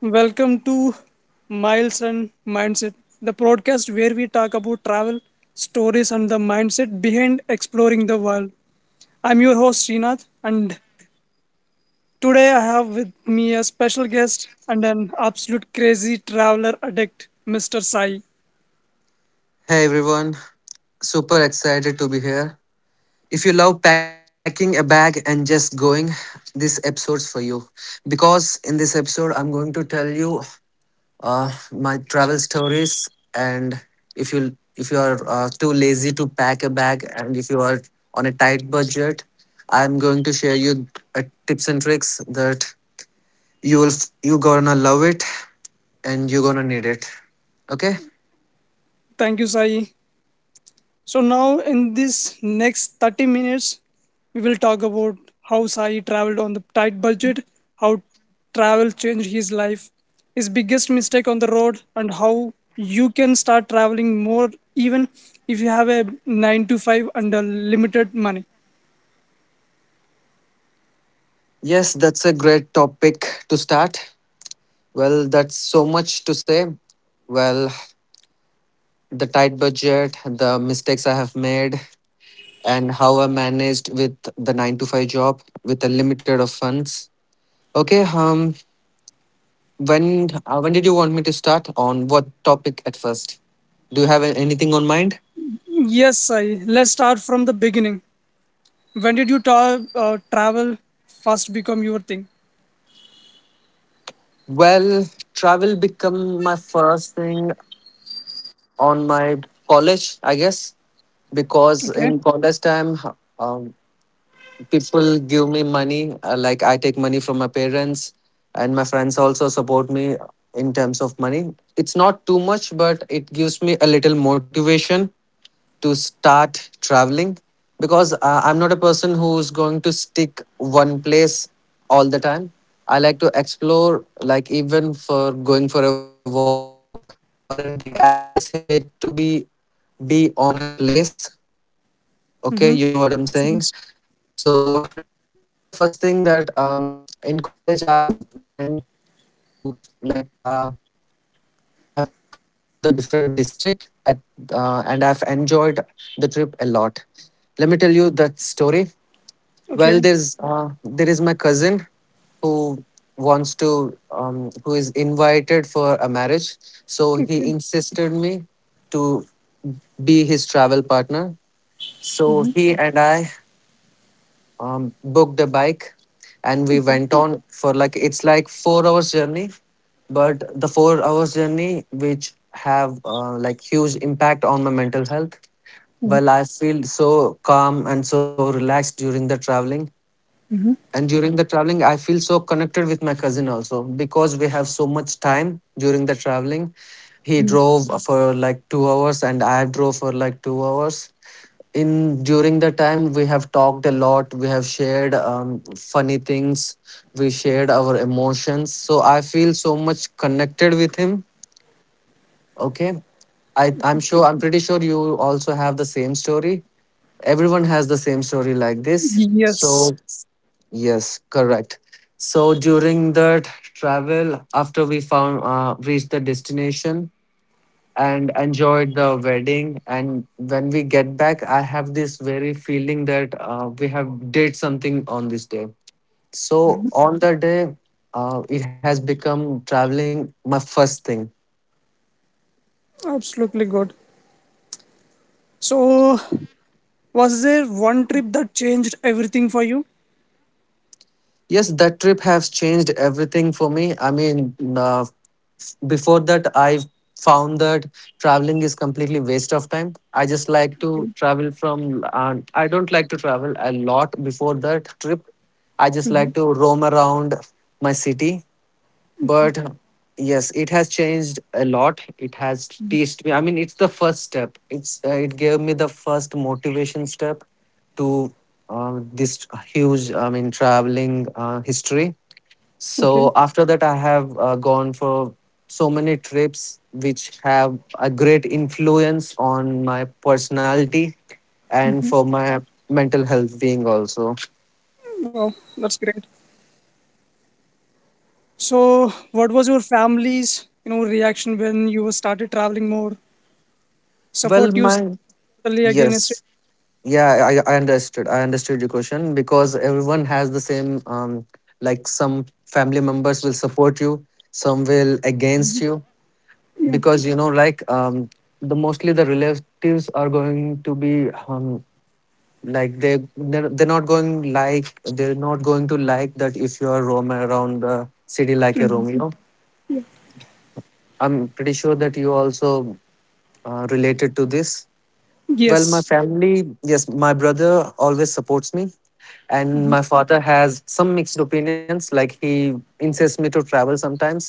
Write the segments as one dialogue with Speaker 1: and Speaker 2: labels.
Speaker 1: Welcome to Miles and Mindset, the podcast where we talk about travel, stories, and the mindset behind exploring the world. I'm your host, Srinath, and today I have with me a special guest and an absolute crazy traveler addict, Mr. Sai.
Speaker 2: Hey everyone, super excited to be here. If you love packing a bag and just going, this episode's for you. Because in this episode, I'm going to tell you my travel stories. And if you are too lazy to pack a bag, and if you are on a tight budget, I'm going to share you tips and tricks that you gonna love it and you're gonna need it. Okay.
Speaker 1: Thank you, Sai. So now in this next 30 minutes, we will talk about how Sai traveled on the tight budget, how travel changed his life, his biggest mistake on the road, and how you can start traveling more even if you have a 9 to 5 and a limited money.
Speaker 2: Yes, that's a great topic to start. Well, that's so much to say. Well, the tight budget, the mistakes I have made, and how I managed with the 9 to 5 job with a limited of funds. Okay, when when did you want me to start on what topic at first? Do you have anything on mind?
Speaker 1: Yes, Sai, let's start from the beginning. When did you travel first become your thing?
Speaker 2: Well, travel become my first thing on my college, I guess, because
Speaker 1: Okay.
Speaker 2: in college time, um, people give me money like I take money from my parents, and my friends also support me in terms of money. It's not too much, but it gives me a little motivation to start traveling, because I'm not a person who's going to stick one place all the time. I like to explore. Like even for going for a walk or anything, I just hate to be on a place. Okay, you know what I'm saying? So it's the first thing that in college I've went to like uh I've traveled to the different district at and I've enjoyed the trip a lot. Let me tell you that story. Well,
Speaker 1: Okay.
Speaker 2: there is my cousin who wants to who is invited for a marriage, so he
Speaker 1: Okay.
Speaker 2: insisted me to be his travel partner. So he and I booked a bike, and we went on for like it's like 4 hours journey, but the 4 hours journey which have like huge impact on my mental health. Well, I feel so calm and so relaxed during the traveling. And during the traveling, I feel so connected with my cousin also because we have so much time during the traveling. He drove for like 2 hours and I drove for like 2 hours in during the time. We have talked a lot, we have shared funny things, we shared our emotions, so I feel so much connected with him. Okay, i i'm
Speaker 1: Okay.
Speaker 2: sure i'm pretty sure you also have the same story. Everyone has the same story like this,
Speaker 1: Yes,
Speaker 2: so yes, correct. So during that travel, after we found reached the destination and enjoyed the wedding, and when we get back, I have this very feeling that we have did something on this day. So on the day, it has become traveling my first thing.
Speaker 1: absolutely good. So was there one trip that changed everything for you?
Speaker 2: Yes, that trip has changed everything for me. I mean, before that, I found that traveling is completely waste of time. I just like to
Speaker 1: Okay.
Speaker 2: travel from, I don't like to travel a lot before that trip. I just like to roam around my city,
Speaker 1: Okay.
Speaker 2: but yes, it has changed a lot. It has teached me, I mean, it's the first step. It's it gave me the first motivation step to this huge, I mean, traveling history. So
Speaker 1: Okay.
Speaker 2: after that, I have gone for so many trips which have a great influence on my personality and for my mental health being also.
Speaker 1: Wow, that's great. So, what was your family's, reaction when you were started traveling more?
Speaker 2: well
Speaker 1: Support you
Speaker 2: my
Speaker 1: totally
Speaker 2: yes
Speaker 1: against it?
Speaker 2: yeah, I understood. I understood your question because everyone has the same, like some family members will support you, some will against you,
Speaker 1: Yeah.
Speaker 2: because you know, the mostly the relatives are going to be like they're not going, like they're not going to like that if you are roaming around the city like a Romeo. I'm pretty sure that you also related to this. Well, my
Speaker 1: Yes.
Speaker 2: family, yes, my brother always supports me, and my father has some mixed opinions. Like he insists me to travel sometimes,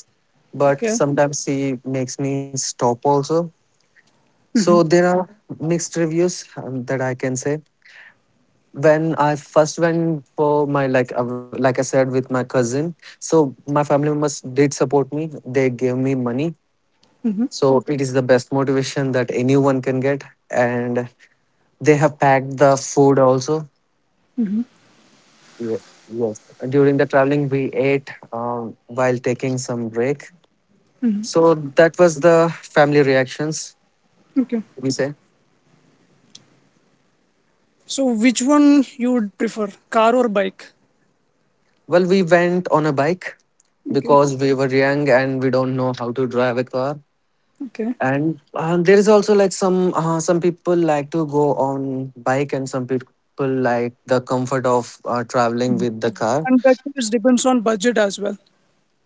Speaker 2: but
Speaker 1: Okay.
Speaker 2: sometimes he makes me stop also. So there are mixed reviews that I can say. When I first went for my like I said with my cousin, so my family members did support me. They gave me money, so it is the best motivation that anyone can get, and they have packed the food also. Ye- Yes. During the traveling, we ate while taking some break. So that was the family reactions,
Speaker 1: Okay.
Speaker 2: we say.
Speaker 1: So, which one you would prefer, car or bike?
Speaker 2: Well, we went on a bike
Speaker 1: Okay.
Speaker 2: because we were young and we don't know how to drive a car.
Speaker 1: Okay.
Speaker 2: And there is also like some people like to go on bike and some people like the comfort of traveling with the car.
Speaker 1: And that is depends on budget as well,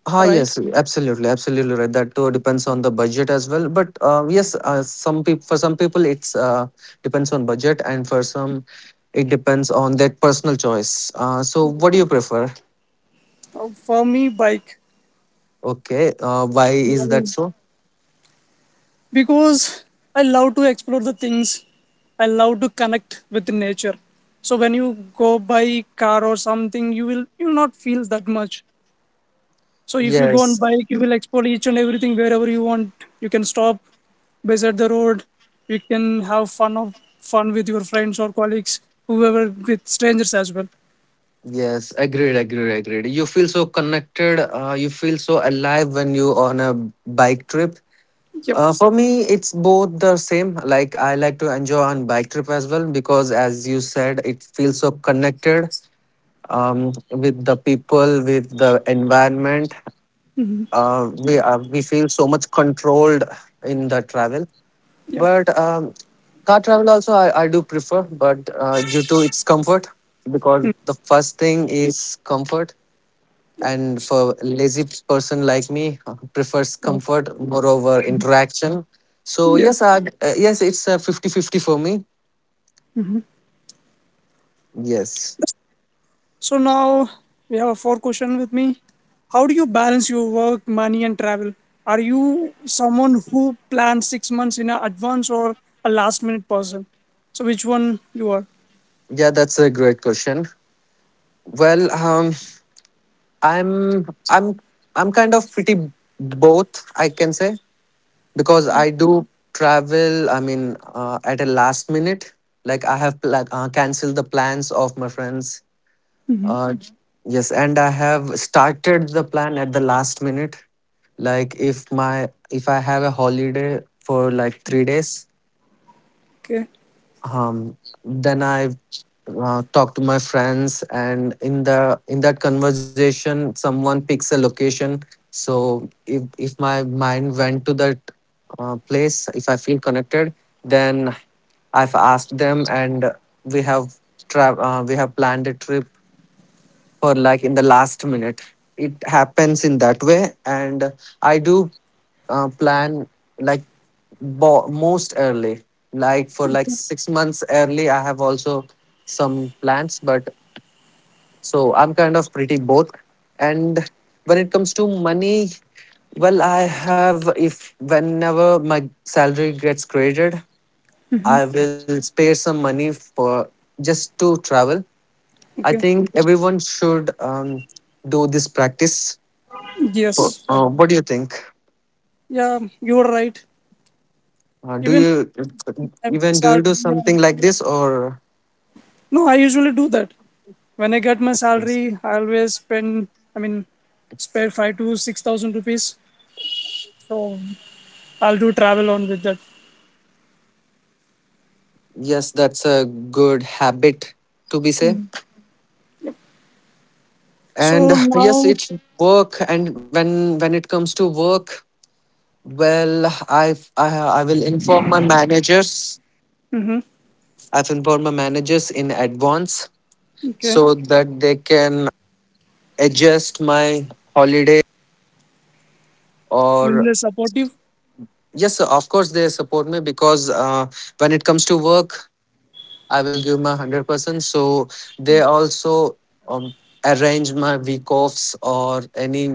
Speaker 2: Ah,
Speaker 1: right?
Speaker 2: yes, absolutely, absolutely right. That too depends on the budget as well. But yes, some people, for some people it's depends on budget, and for some it depends on their personal choice. So what do you prefer?
Speaker 1: For me, bike.
Speaker 2: Okay, why is that so?
Speaker 1: Because I love to explore the things. I love to connect with nature. So when you go by car or something, you will not feel that much. So if you go on
Speaker 2: Yes,
Speaker 1: bike, you will explore each and everything wherever you want. You can stop beside the road. You can have fun with your friends or colleagues, whoever with strangers as well.
Speaker 2: yes, agreed, agreed, agreed. You feel so connected. You feel so alive when you on a bike trip.
Speaker 1: Yep.
Speaker 2: For me, it's both the same. Like I like to enjoy on bike trip as well because, as you said, it feels so connected with the people, with the environment. We feel so much controlled in the travel,
Speaker 1: Yep.
Speaker 2: but car travel also I do prefer, but due to its comfort, because the first thing is comfort, and for lazy person like me, prefers
Speaker 1: Oh,
Speaker 2: comfort moreover interaction. So
Speaker 1: yeah.
Speaker 2: yes, yes, it's a 50-50 for me. Yes,
Speaker 1: So now we have a four question with me. How do you balance your work, money, and travel? Are you someone who plans 6 months in advance or a last minute person? So which one you are?
Speaker 2: yeah, that's a great question. Well, I'm I'm I'm kind of pretty both, I can say, because I do travel. I mean, at a last minute, like canceled the plans of my friends. Mhm. Yes, and I have started the plan at the last minute. Like if I have a holiday for like 3 days,
Speaker 1: Okay,
Speaker 2: um, then I talk to my friends, and in that conversation someone picks a location. So if my mind went to that place, if I feel connected, then I've asked them, and we have we have planned a trip for like in the last minute. It happens in that way, and I do plan like most early, like for like 6 months early I have also some plans. But so I'm kind of pretty both. And when it comes to money, well, I have if whenever my salary gets created, I will spare some money for just to travel. I
Speaker 1: okay.
Speaker 2: think everyone should do this practice. For,
Speaker 1: Yes, I agree.
Speaker 2: what do you think?
Speaker 1: Yeah, you are right.
Speaker 2: Uh, do
Speaker 1: Even
Speaker 2: you
Speaker 1: I get
Speaker 2: do you
Speaker 1: salary,
Speaker 2: do something
Speaker 1: yeah.
Speaker 2: like this or?
Speaker 1: No, I usually do that. When I get my salary, I always spend. I mean, spare five to six thousand rupees. So I'll do travel on with that.
Speaker 2: Yes, that's a good habit to be say.
Speaker 1: Yep.
Speaker 2: And
Speaker 1: So
Speaker 2: yes,
Speaker 1: now,
Speaker 2: it's work. And when it comes to work, well, I will inform my managers.
Speaker 1: hmm,
Speaker 2: I've informed my managers in advance
Speaker 1: okay.
Speaker 2: so that they can adjust my holiday
Speaker 1: Will they
Speaker 2: or
Speaker 1: supportive?
Speaker 2: yes, sir. Of course, they support me because when it comes to work, I will give my 100%. So they also um, arrange my week offs or any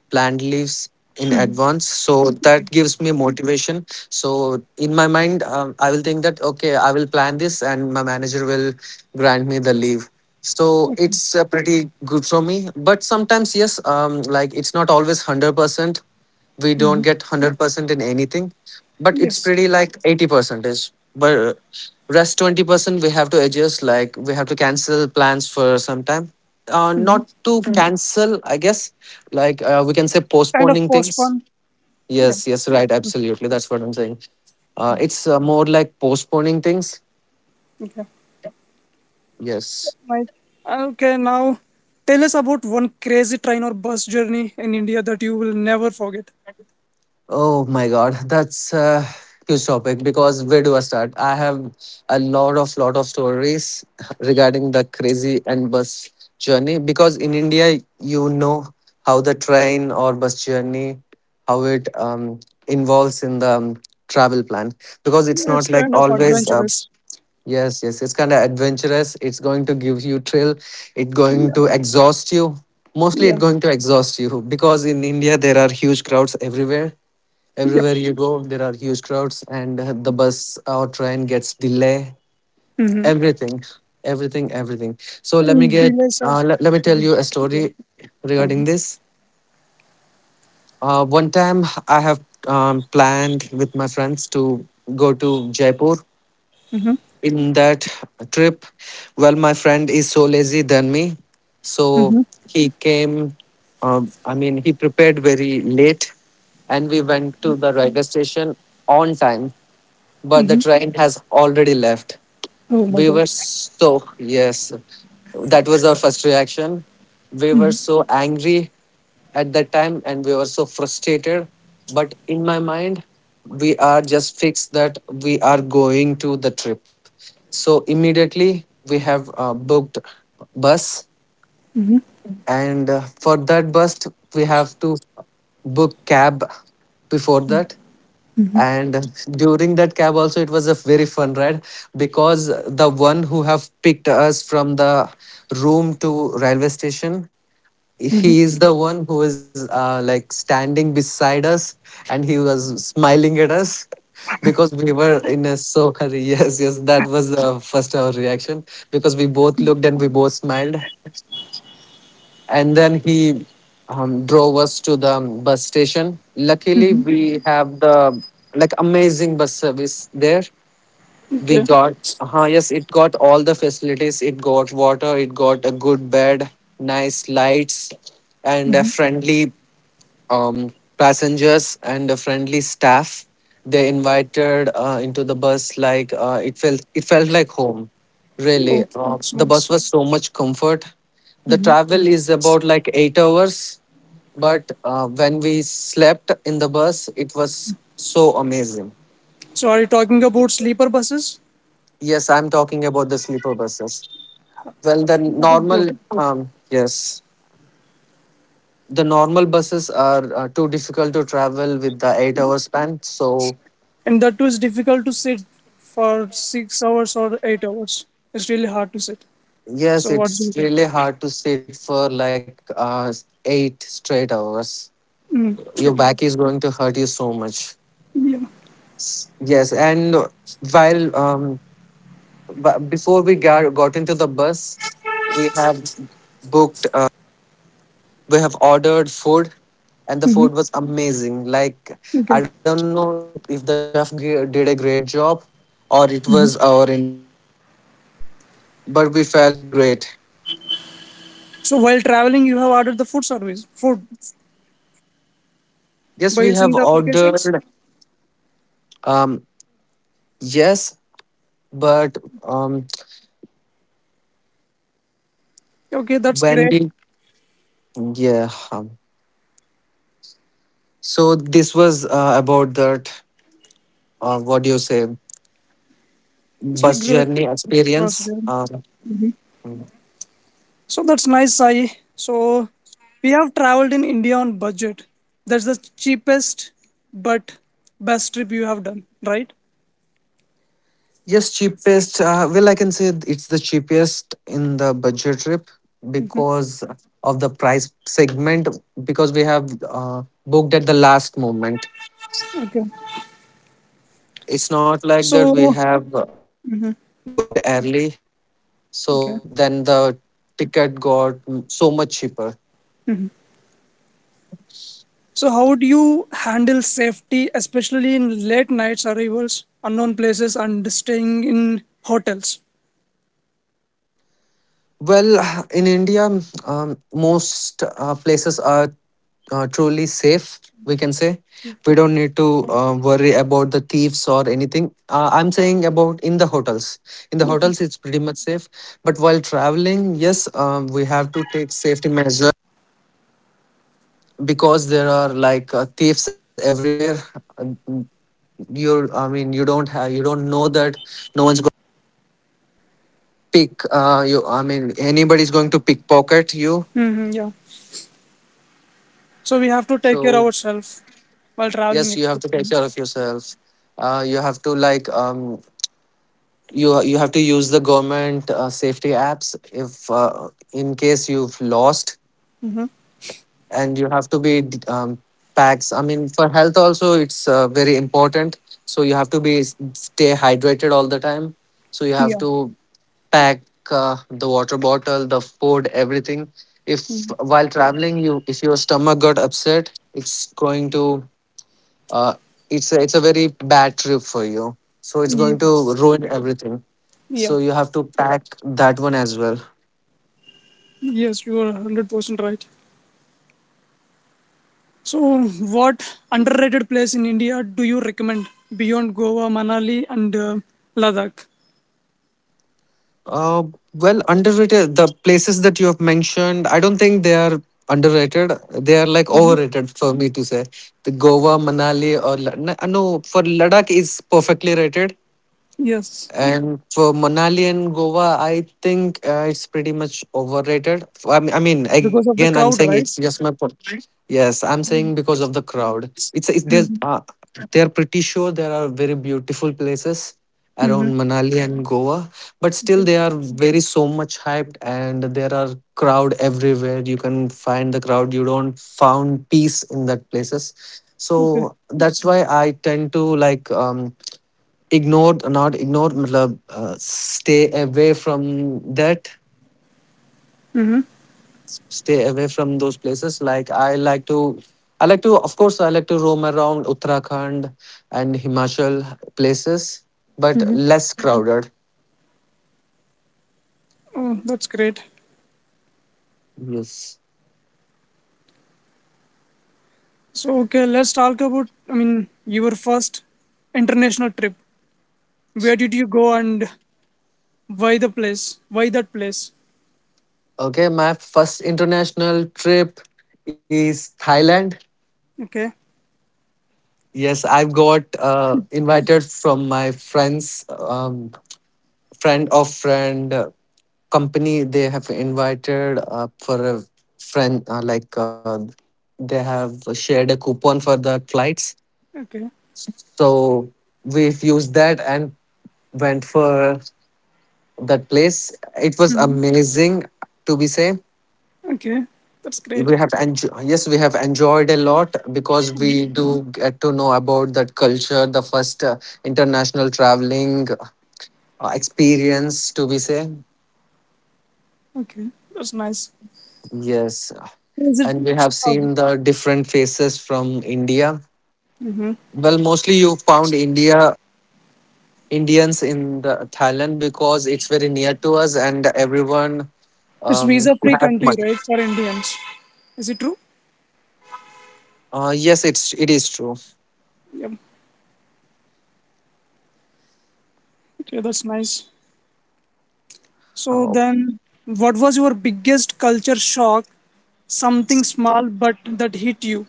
Speaker 2: planned leaves in
Speaker 1: Hmm.
Speaker 2: advance. So that
Speaker 1: Okay.
Speaker 2: gives me motivation. So in my mind, I will think that, okay, I will plan this and my manager will grant me the leave. So
Speaker 1: Okay.
Speaker 2: it's pretty good for me. But sometimes, yes, like it's not always 100%. We don't get 100% in anything, but it's
Speaker 1: Yes.
Speaker 2: pretty like 80 percentage, but rest 20% we have to adjust. Like we have to cancel plans for some time. Uh,
Speaker 1: Hmm.
Speaker 2: not to cancel, I guess. Like we can say
Speaker 1: Kind of
Speaker 2: postponing things.
Speaker 1: postpone. Yeah.
Speaker 2: Yes, yes, right, absolutely, that's what I'm saying. Uh, it's more like postponing things.
Speaker 1: Okay.
Speaker 2: Yes.
Speaker 1: Right. Okay. Now, tell us about one crazy train or bus journey in India that you will never forget.
Speaker 2: Oh my God, that's a huge topic because where do I start? I have a lot of stories regarding the crazy and bus journey, because in India you know how the train or bus journey, how it involves in the travel plan, because it's
Speaker 1: Yeah, it's
Speaker 2: not like
Speaker 1: kind of
Speaker 2: always
Speaker 1: adventurous.
Speaker 2: yes, yes, it's kind of adventurous. It's going to give you thrill, it's going
Speaker 1: Yeah.
Speaker 2: to exhaust you, mostly it's
Speaker 1: Yeah.
Speaker 2: going to exhaust you, because in India there are huge crowds everywhere.
Speaker 1: Yep.
Speaker 2: Everywhere you go, there are huge crowds, and the bus or train gets delay.
Speaker 1: Mm-hmm.
Speaker 2: Everything, everything, everything. So
Speaker 1: And delays are.
Speaker 2: Let me tell you a
Speaker 1: Yeah.
Speaker 2: story regarding
Speaker 1: Mm-hmm.
Speaker 2: this. One time, I have planned with my friends to go to Jaipur.
Speaker 1: Mm-hmm.
Speaker 2: In that trip, well, my friend is so lazy than me, so he came. I mean, he prepared very late, and we went to the railway station on time, but the
Speaker 1: Mm-hmm.
Speaker 2: train has already left.
Speaker 1: Oh
Speaker 2: We
Speaker 1: my
Speaker 2: were
Speaker 1: god.
Speaker 2: so, yes, that was our first reaction. We were so angry at that time and we were so frustrated. But in my mind, we are just fixed that we are going to the trip. So immediately we have booked bus, and for that bus we have to book cab before that, and during that cab also it was a very fun ride because the one who have picked us from the room to railway station, he is the one who is like standing beside us and he was smiling at us because we were in a so hurry yes, yes, that was the first our reaction because we both looked and we both smiled, and then he drove us to the bus station. Luckily, we have the like amazing bus service there. We
Speaker 1: Okay.
Speaker 2: got uh, yes, it got all the facilities. It got water. It got a good bed, nice lights, and a friendly um, passengers and a friendly staff. They invited into the bus like it felt like home. Really,
Speaker 1: Oh, it's
Speaker 2: the bus
Speaker 1: nice.
Speaker 2: was so much comfort. The travel is about like 8 hours, but when we slept in the bus, it was so amazing.
Speaker 1: So, are you talking about sleeper buses?
Speaker 2: Yes, I'm talking about the sleeper buses. Well, the
Speaker 1: That is good.
Speaker 2: normal yes, the normal buses are too difficult to travel with the 8 hour span, so
Speaker 1: And that too is difficult to sit for 6 hours or 8 hours. It's really hard to sit.
Speaker 2: yes,
Speaker 1: So what do
Speaker 2: it's
Speaker 1: you
Speaker 2: really
Speaker 1: think?
Speaker 2: hard to sit for like eight straight hours.
Speaker 1: Mm,
Speaker 2: Your
Speaker 1: yep.
Speaker 2: back is going to hurt you so much.
Speaker 1: Yeah.
Speaker 2: Yes, and while before we got into the bus, we have booked, uh, we have ordered food, and the food was amazing. Like I
Speaker 1: Okay.
Speaker 2: don't know if the chef did a great job, or it was our in my but we felt great.
Speaker 1: So while traveling, you have ordered the food service food
Speaker 2: Yes,
Speaker 1: by
Speaker 2: we have
Speaker 1: using the applications.
Speaker 2: ordered. Um, yes, but
Speaker 1: Okay, that's
Speaker 2: when
Speaker 1: great.
Speaker 2: we yeah so this was about that what do you say
Speaker 1: It's like
Speaker 2: bus
Speaker 1: great
Speaker 2: journey
Speaker 1: for
Speaker 2: experience
Speaker 1: us. Really. So that's nice, Sai. So we have traveled in India on budget. That's the cheapest but best trip you have done, right?
Speaker 2: yes, cheapest well, I can say it's the cheapest in the budget trip because of the price segment because we have booked at the last moment.
Speaker 1: Okay.
Speaker 2: It's not like that we
Speaker 1: So
Speaker 2: have booked early, so
Speaker 1: okay.
Speaker 2: then the ticket got so much cheaper.
Speaker 1: So, how do you handle safety, especially in late nights arrivals, unknown places, and staying in hotels?
Speaker 2: Well, in India, most places are truly safe, we can say. We don't need to worry about the thieves or anything. I'm saying about in the hotels. In the hotels, it's pretty much safe. But while traveling, yes, we have to take safety measures because there are like thieves everywhere. Uh, You, I mean, you don't know that no one's going to pick. You, I mean, anybody's going to pickpocket you.
Speaker 1: Hmm, yeah. So we have to take care of
Speaker 2: So
Speaker 1: ourselves while
Speaker 2: yes,
Speaker 1: traveling.
Speaker 2: you have to take care of yourself. You have to like you have to use the government safety apps if in case you've lost, and you have to be um, packs, I mean, for health also it's very important. So you have to be stay hydrated all the time, so you have
Speaker 1: Yeah.
Speaker 2: to pack uh, the water bottle, the food, everything. If while traveling you, if your stomach got upset, it's going to uh, it's a very bad trip for you. So it's going to
Speaker 1: Yes.
Speaker 2: ruin everything.
Speaker 1: Yeah.
Speaker 2: So you have to pack that one as well.
Speaker 1: Yes, you are 100% right. So, what underrated place in India do you recommend beyond Goa, Manali, and Ladakh?
Speaker 2: Uh, well, underrated. The places that you have mentioned, I don't think they are underrated. They are like overrated for me to say. The Goa, Manali, or no, no, for Ladakh is perfectly rated.
Speaker 1: Yes,
Speaker 2: And for Manali and Goa, I think it's pretty much overrated. I mean, again,
Speaker 1: because
Speaker 2: I'm
Speaker 1: of the
Speaker 2: saying
Speaker 1: crowd,
Speaker 2: it's
Speaker 1: right?
Speaker 2: just my. Yes, I'm saying because of the crowd. It's, there's they're pretty sure there are very beautiful places around
Speaker 1: Mm-hmm.
Speaker 2: Manali and Goa, but still
Speaker 1: Okay.
Speaker 2: they are very so much hyped, and there are crowd everywhere. You can find the crowd. You don't found peace in that places.
Speaker 1: Okay.
Speaker 2: So that's why I tend to like. Ignore not ignore मतलब stay away from that,
Speaker 1: Mm-hmm.
Speaker 2: stay away from those places. Like I like to of course I like to roam around Uttarakhand and Himachal places, but less Mhm. crowded.
Speaker 1: Oh, that's great.
Speaker 2: Yes.
Speaker 1: So okay, let's talk about I mean your first international trip. Where did you go and why the place? Why that place?
Speaker 2: Okay, my first international trip is Thailand.
Speaker 1: Okay.
Speaker 2: Yes, I've got invited from my friends. Um, friend of friend company, they have invited for a friend like they have shared a coupon for the flights,
Speaker 1: Okay.
Speaker 2: so we've used that and went for that place. It was
Speaker 1: Hmm.
Speaker 2: amazing to be say.
Speaker 1: Okay. That's great.
Speaker 2: We have enjoyed, yes, we have enjoyed a lot because we do get to know about that culture. The first international traveling experience, to be say.
Speaker 1: Okay. That's nice.
Speaker 2: Yes,
Speaker 1: Is it
Speaker 2: and we have
Speaker 1: uh,
Speaker 2: seen the different faces from India. Well, mostly you found India Indians in the Thailand because it's very near to us, and everyone
Speaker 1: it's visa
Speaker 2: who
Speaker 1: free
Speaker 2: have
Speaker 1: country,
Speaker 2: money.
Speaker 1: right? For Indians. Is it true?
Speaker 2: Yes, it is true.
Speaker 1: Yep. Okay, that's nice. So
Speaker 2: Uh,
Speaker 1: then what was your biggest culture shock? Something small but that hit you.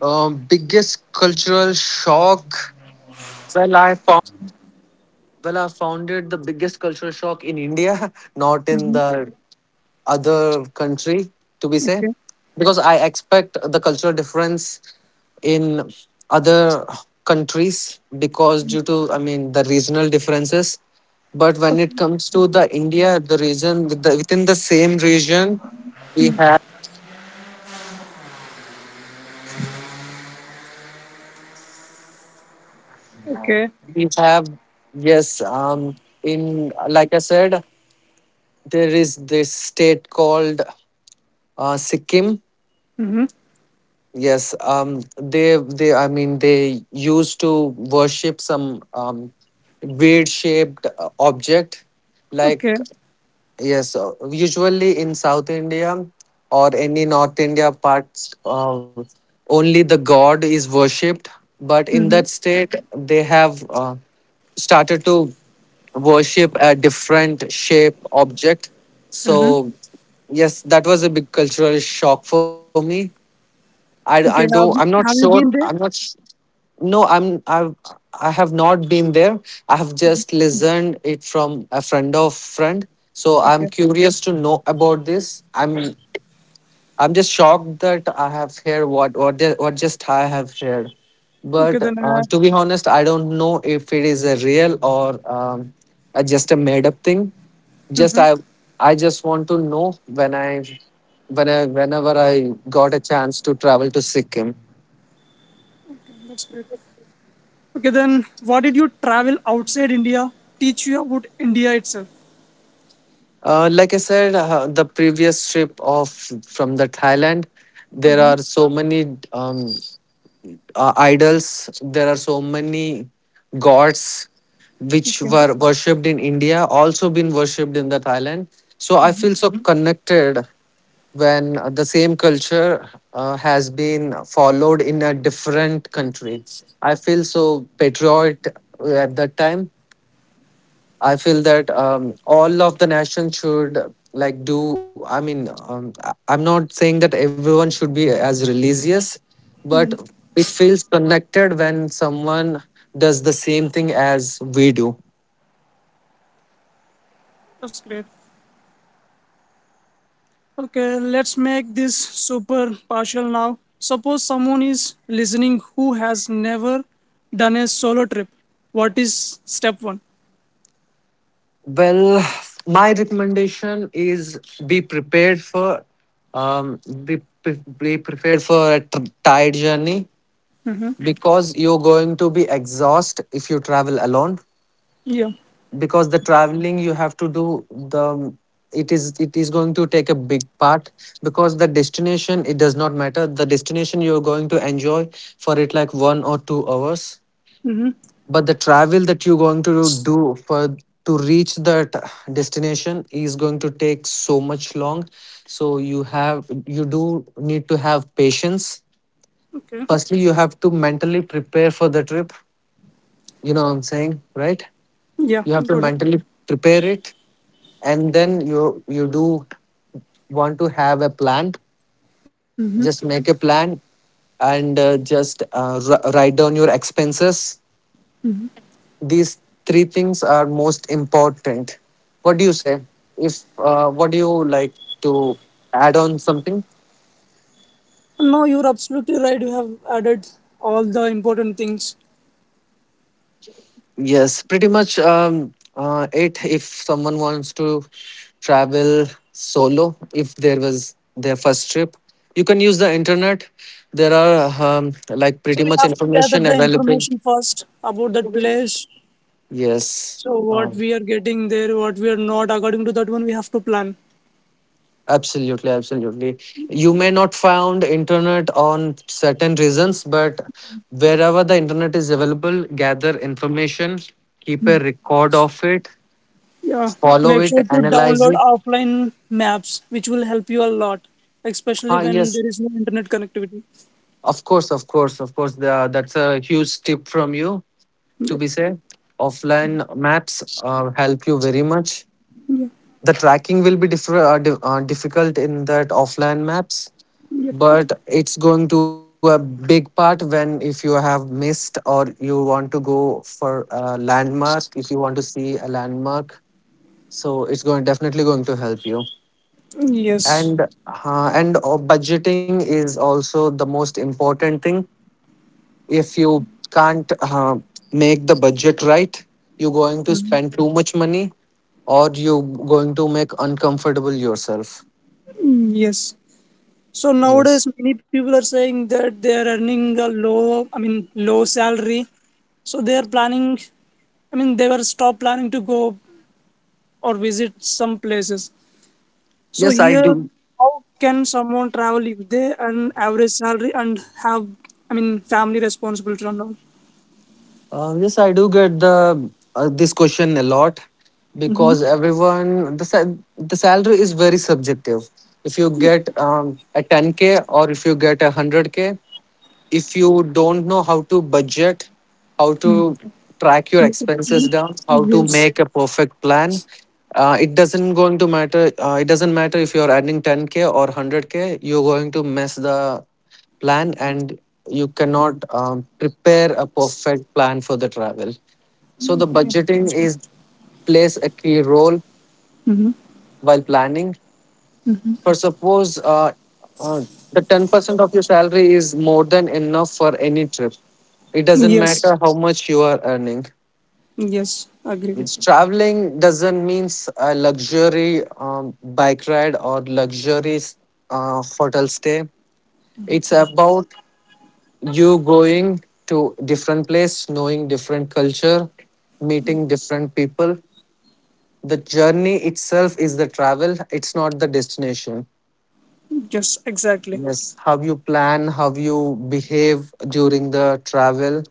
Speaker 2: biggest cultural shock. Well, I found well, I found it the biggest cultural shock in India, not in the other country, to be say,
Speaker 1: Okay.
Speaker 2: because I expect the cultural difference in other countries because due to I mean the regional differences, but when it comes to the India, the within the same region, we have
Speaker 1: Okay.
Speaker 2: we have yes, um, in like I said, there is this state called Sikkim. Yes, um, they I mean they used to worship some weird shaped object like.
Speaker 1: Okay.
Speaker 2: Yes, usually in South India or any North India parts, only the god is worshipped. But in that state, they have started to worship a different shape object. So yes, that was a big cultural shock for me. I don't.
Speaker 1: Okay.
Speaker 2: I'm not sure.
Speaker 1: Have you
Speaker 2: I'm
Speaker 1: been
Speaker 2: not
Speaker 1: there?
Speaker 2: no, I have not been there. I have just listened it from a friend of friend, so I'm
Speaker 1: Okay.
Speaker 2: curious to know about this. I'm just shocked that I have heard what just I have heard.
Speaker 1: Okay,
Speaker 2: But
Speaker 1: then
Speaker 2: to be honest, I don't know if it is a real or a, just a made up thing. Just I just want to know when I whenever I got a chance to travel to Sikkim.
Speaker 1: that's great. Okay, then what did you travel outside India teach you about India itself?
Speaker 2: Like I said, the previous trip of from the Thailand, there are so many idols. There are so many gods which
Speaker 1: Okay.
Speaker 2: were worshipped in India, also been worshipped in the Thailand. So I feel so Mhm. connected when the same culture has been followed in a different country. I feel so patriot at that time. I feel that all of the nation should like do. I mean, I'm not saying that everyone should be as religious, but
Speaker 1: Yeah,
Speaker 2: it feels connected when someone does the same thing as we do.
Speaker 1: that's great. Okay, let's make this super partial now. Suppose someone is listening who has never done a solo trip. What is step one?
Speaker 2: Well, my recommendation is be prepared for be prepared for a tired journey because you're going to be exhausted if you travel alone
Speaker 1: Yeah.
Speaker 2: because the traveling you have to do the, it is going to take a big part because the destination, it does not matter, the destination you're going to enjoy for it like one or two hours,
Speaker 1: Mm-hmm.
Speaker 2: but the travel that you're going to do for to reach that destination is going to take so much long. So you have, you do need to have patience.
Speaker 1: Okay.
Speaker 2: Firstly, you have to mentally prepare for the trip. You know what I'm saying, right?
Speaker 1: Yeah,
Speaker 2: You have to
Speaker 1: got it.
Speaker 2: mentally prepare it, and then you do want to have a plan. Just make a plan, and write down your expenses. These three things are most important. What do you say? If what do you like to add on something?
Speaker 1: No, you're absolutely right. You have added all the important things.
Speaker 2: Yes, pretty much it. If someone wants to travel solo, if there was their first trip, you can use the internet. There are like
Speaker 1: So
Speaker 2: pretty
Speaker 1: we
Speaker 2: much
Speaker 1: have to gather
Speaker 2: information
Speaker 1: the
Speaker 2: available.
Speaker 1: information first about that place.
Speaker 2: Yes,
Speaker 1: So what
Speaker 2: um,
Speaker 1: we are getting there, what we are not, according to that one, we have to plan.
Speaker 2: absolutely. You may not found internet on certain reasons, but wherever the internet is available, gather information, keep a record of it,
Speaker 1: Yeah,
Speaker 2: follow
Speaker 1: make
Speaker 2: it,
Speaker 1: sure to
Speaker 2: analyze
Speaker 1: download
Speaker 2: it.
Speaker 1: offline maps, which will help you a lot,
Speaker 2: Ah,
Speaker 1: especially when
Speaker 2: yes,
Speaker 1: there is no internet connectivity.
Speaker 2: of course that's a huge tip from you to
Speaker 1: Yep.
Speaker 2: be said. Offline maps help you very much. The tracking will be difficult in that offline maps, but it's going to a big part when if you have missed or you want to go for a landmark, if you want to see a landmark. So it's going definitely going to help you.
Speaker 1: Yes.
Speaker 2: And and Budgeting is also the most important thing if you can't make the budget right, you're going to spend too much money, or you're going to make uncomfortable yourself.
Speaker 1: Yes. So
Speaker 2: Yes,
Speaker 1: nowadays, many people are saying that they are earning a low, I mean, low salary. So they are planning, I mean, they were stop planning to go or visit some places. So
Speaker 2: yes, I do.
Speaker 1: here, how can someone travel if they earn average salary and have, I mean, family responsibility and all?
Speaker 2: Yes, I do get the this question a lot,
Speaker 1: Mm-hmm.
Speaker 2: because the salary is very subjective. If you get a 10K, or if you get a 100K, if you don't know how to budget, how to track your expenses down, how to
Speaker 1: Yes.
Speaker 2: make a perfect plan, it doesn't going to matter. It doesn't matter if you're earning 10K or 100K. You're going to mess the plan, and you cannot prepare a perfect plan for the travel. So the
Speaker 1: Okay.
Speaker 2: budgeting is plays a key role while planning for. Suppose uh, the 10% of your salary is more than enough for any trip. It doesn't
Speaker 1: Yes.
Speaker 2: matter how much you are earning.
Speaker 1: Yes. Agree with
Speaker 2: It's,
Speaker 1: you.
Speaker 2: traveling doesn't means a luxury bike ride or luxury hotel stay. It's about you going to different place, knowing different culture, meeting different people. The journey itself is the travel. It's not the destination.
Speaker 1: Yes. Exactly.
Speaker 2: Yes, how you plan, how you behave during the travel,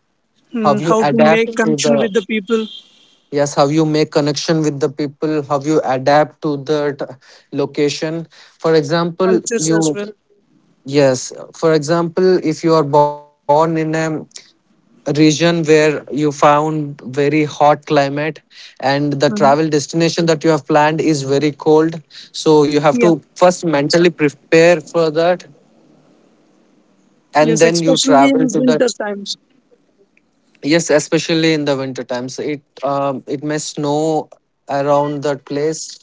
Speaker 2: how
Speaker 1: Hmm.
Speaker 2: you
Speaker 1: How to
Speaker 2: adapt
Speaker 1: make
Speaker 2: to
Speaker 1: connection
Speaker 2: the.
Speaker 1: with the people,
Speaker 2: Yes, how you make connection with the people, how you adapt to location. For example,
Speaker 1: cultures as
Speaker 2: you.
Speaker 1: well.
Speaker 2: Yes, for example, if you are born in a region where you found very hot climate, and the
Speaker 1: Hmm.
Speaker 2: travel destination that you have planned is very cold, so you have
Speaker 1: Yeah.
Speaker 2: to first mentally prepare for that, and
Speaker 1: Yes.
Speaker 2: then you
Speaker 1: Especially
Speaker 2: travel
Speaker 1: in
Speaker 2: to
Speaker 1: winter
Speaker 2: that.
Speaker 1: times.
Speaker 2: Yes, especially in the winter times. It it may snow around that place.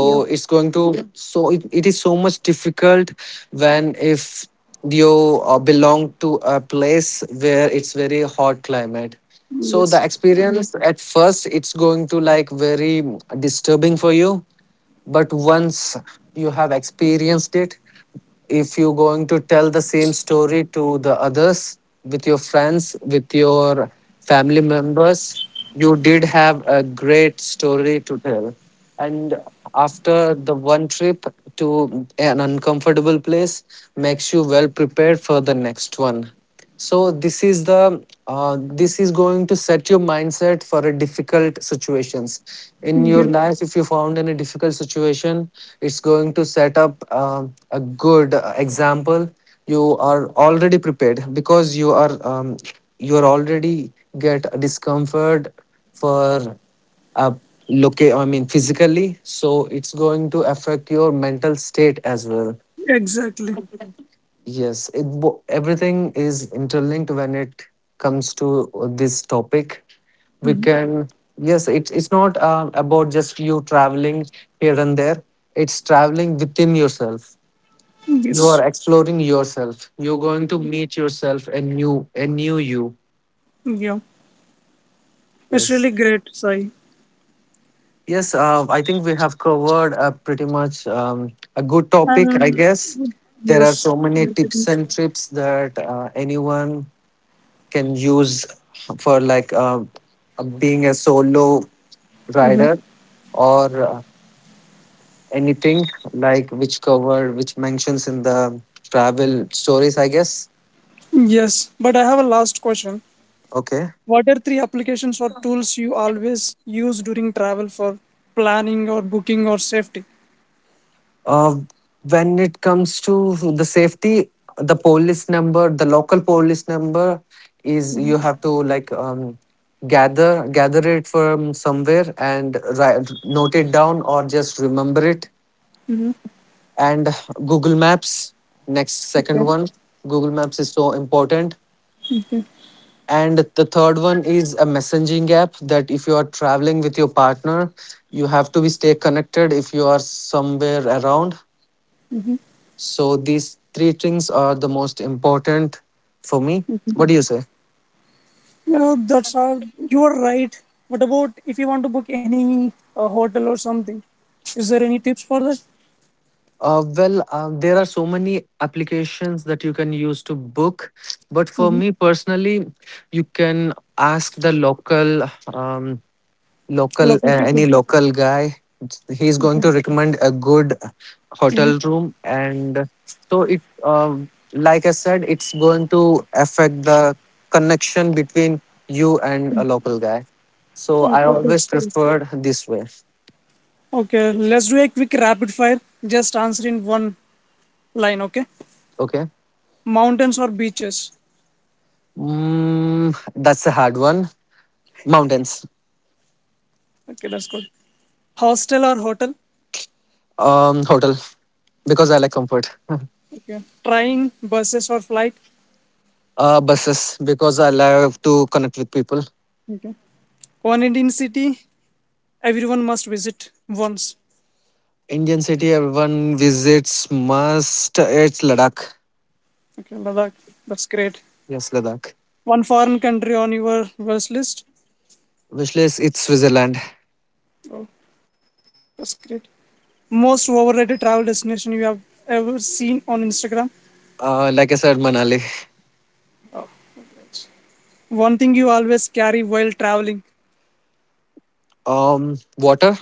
Speaker 1: Yeah.
Speaker 2: it's going to, so it is so much difficult when if you belong to a place where it's very hot climate. So
Speaker 1: Yes.
Speaker 2: the experience at first, it's going to like very disturbing for you, but once you have experienced it, if you're going to tell the same story to the others, with your friends, with your family members, you did have a great story to tell. And after the one trip to an uncomfortable place makes you well prepared for the next one. So this is going to set your mindset for a difficult situations in your
Speaker 1: Yeah.
Speaker 2: life. If you found any difficult situation, it's going to set up a good example. You are already prepared because you are already get a discomfort for a locate, I mean physically, so it's going to affect your mental state as well.
Speaker 1: Exactly.
Speaker 2: Yes, everything is interlinked when it comes to this topic. We can Yes, it's not about just you traveling here and there. It's traveling within yourself. You
Speaker 1: Yes.
Speaker 2: are exploring yourself. You're going to meet yourself, a new, a new you.
Speaker 1: Yeah. It's
Speaker 2: Yes.
Speaker 1: really great, Sai.
Speaker 2: Yes, I think we have covered pretty much a good topic, I
Speaker 1: And
Speaker 2: guess. There are
Speaker 1: yes.
Speaker 2: so many
Speaker 1: Yes. It
Speaker 2: tips
Speaker 1: is.
Speaker 2: and trips that anyone can use for like being a solo rider, or anything like which cover, which mentions in the travel stories, I guess.
Speaker 1: Yes, but I have a last question.
Speaker 2: Okay.
Speaker 1: What are three applications or tools you always use during travel for planning or booking or safety?
Speaker 2: uh, when it comes to the safety, the local police number is, you have to like gather it from somewhere and write, note it down, or just remember it. And Google Maps, next, second
Speaker 1: Okay.
Speaker 2: one. Google Maps is so important. And the third one is a messaging app, that if you are traveling with your partner, you have to be stay connected if you are somewhere around. So these three things are the most important for me. What do you say?
Speaker 1: Yeah, that's all. You are right. What about if you want to book any hotel or something? Is there any tips for that?
Speaker 2: Well, there are so many applications that you can use to book, but for
Speaker 1: Mhm.
Speaker 2: me personally, you can ask the local, um, local
Speaker 1: Local
Speaker 2: uh,
Speaker 1: people.
Speaker 2: any local guy. He's going
Speaker 1: Okay.
Speaker 2: to recommend a good hotel room. And so it like I said, it's going to affect the connection between you and a local guy. So I
Speaker 1: Okay,
Speaker 2: always
Speaker 1: that's great.
Speaker 2: preferred this way.
Speaker 1: Okay, let's do a quick rapid fire. Just answer in one line, okay?
Speaker 2: Okay.
Speaker 1: Mountains or beaches?
Speaker 2: Mm, that's a hard one. Mountains.
Speaker 1: Okay, that's good. Hostel or hotel?
Speaker 2: Um, hotel, because I like comfort.
Speaker 1: Okay. Train, buses, or flight.
Speaker 2: Uh, buses, because I love to connect with people.
Speaker 1: Okay. One Indian city everyone must visit once.
Speaker 2: Indian city everyone visits must, it's Ladakh.
Speaker 1: Okay, Ladakh. That's great.
Speaker 2: Yes, Ladakh.
Speaker 1: One foreign country on your wish list.
Speaker 2: Wish list, it's Switzerland.
Speaker 1: Oh, that's great. Most overrated travel destination you have ever seen on Instagram.
Speaker 2: Like I said, Manali.
Speaker 1: One thing you always carry while traveling.
Speaker 2: Water,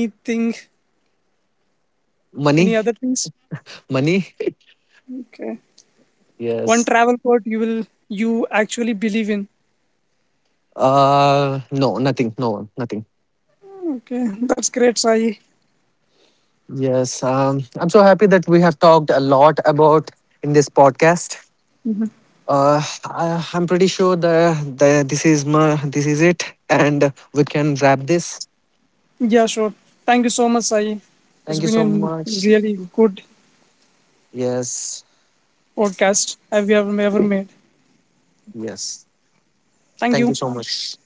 Speaker 1: Anything?
Speaker 2: money,
Speaker 1: Any other things?
Speaker 2: money.
Speaker 1: Okay.
Speaker 2: Yes.
Speaker 1: One travel quote you will you actually believe in.
Speaker 2: No, nothing. No, nothing.
Speaker 1: Okay, that's great, Sai.
Speaker 2: Yes. I'm so happy that we have talked a lot about in this podcast. Uh, I'm pretty sure the this is it, and we can wrap this.
Speaker 1: Yeah, sure. Thank you so much, Sai. It's
Speaker 2: Thank you
Speaker 1: been
Speaker 2: so
Speaker 1: a
Speaker 2: much.
Speaker 1: really good
Speaker 2: Yes.
Speaker 1: podcast I've ever, ever made.
Speaker 2: Yes.
Speaker 1: Thank
Speaker 2: Thank
Speaker 1: you.
Speaker 2: you so much.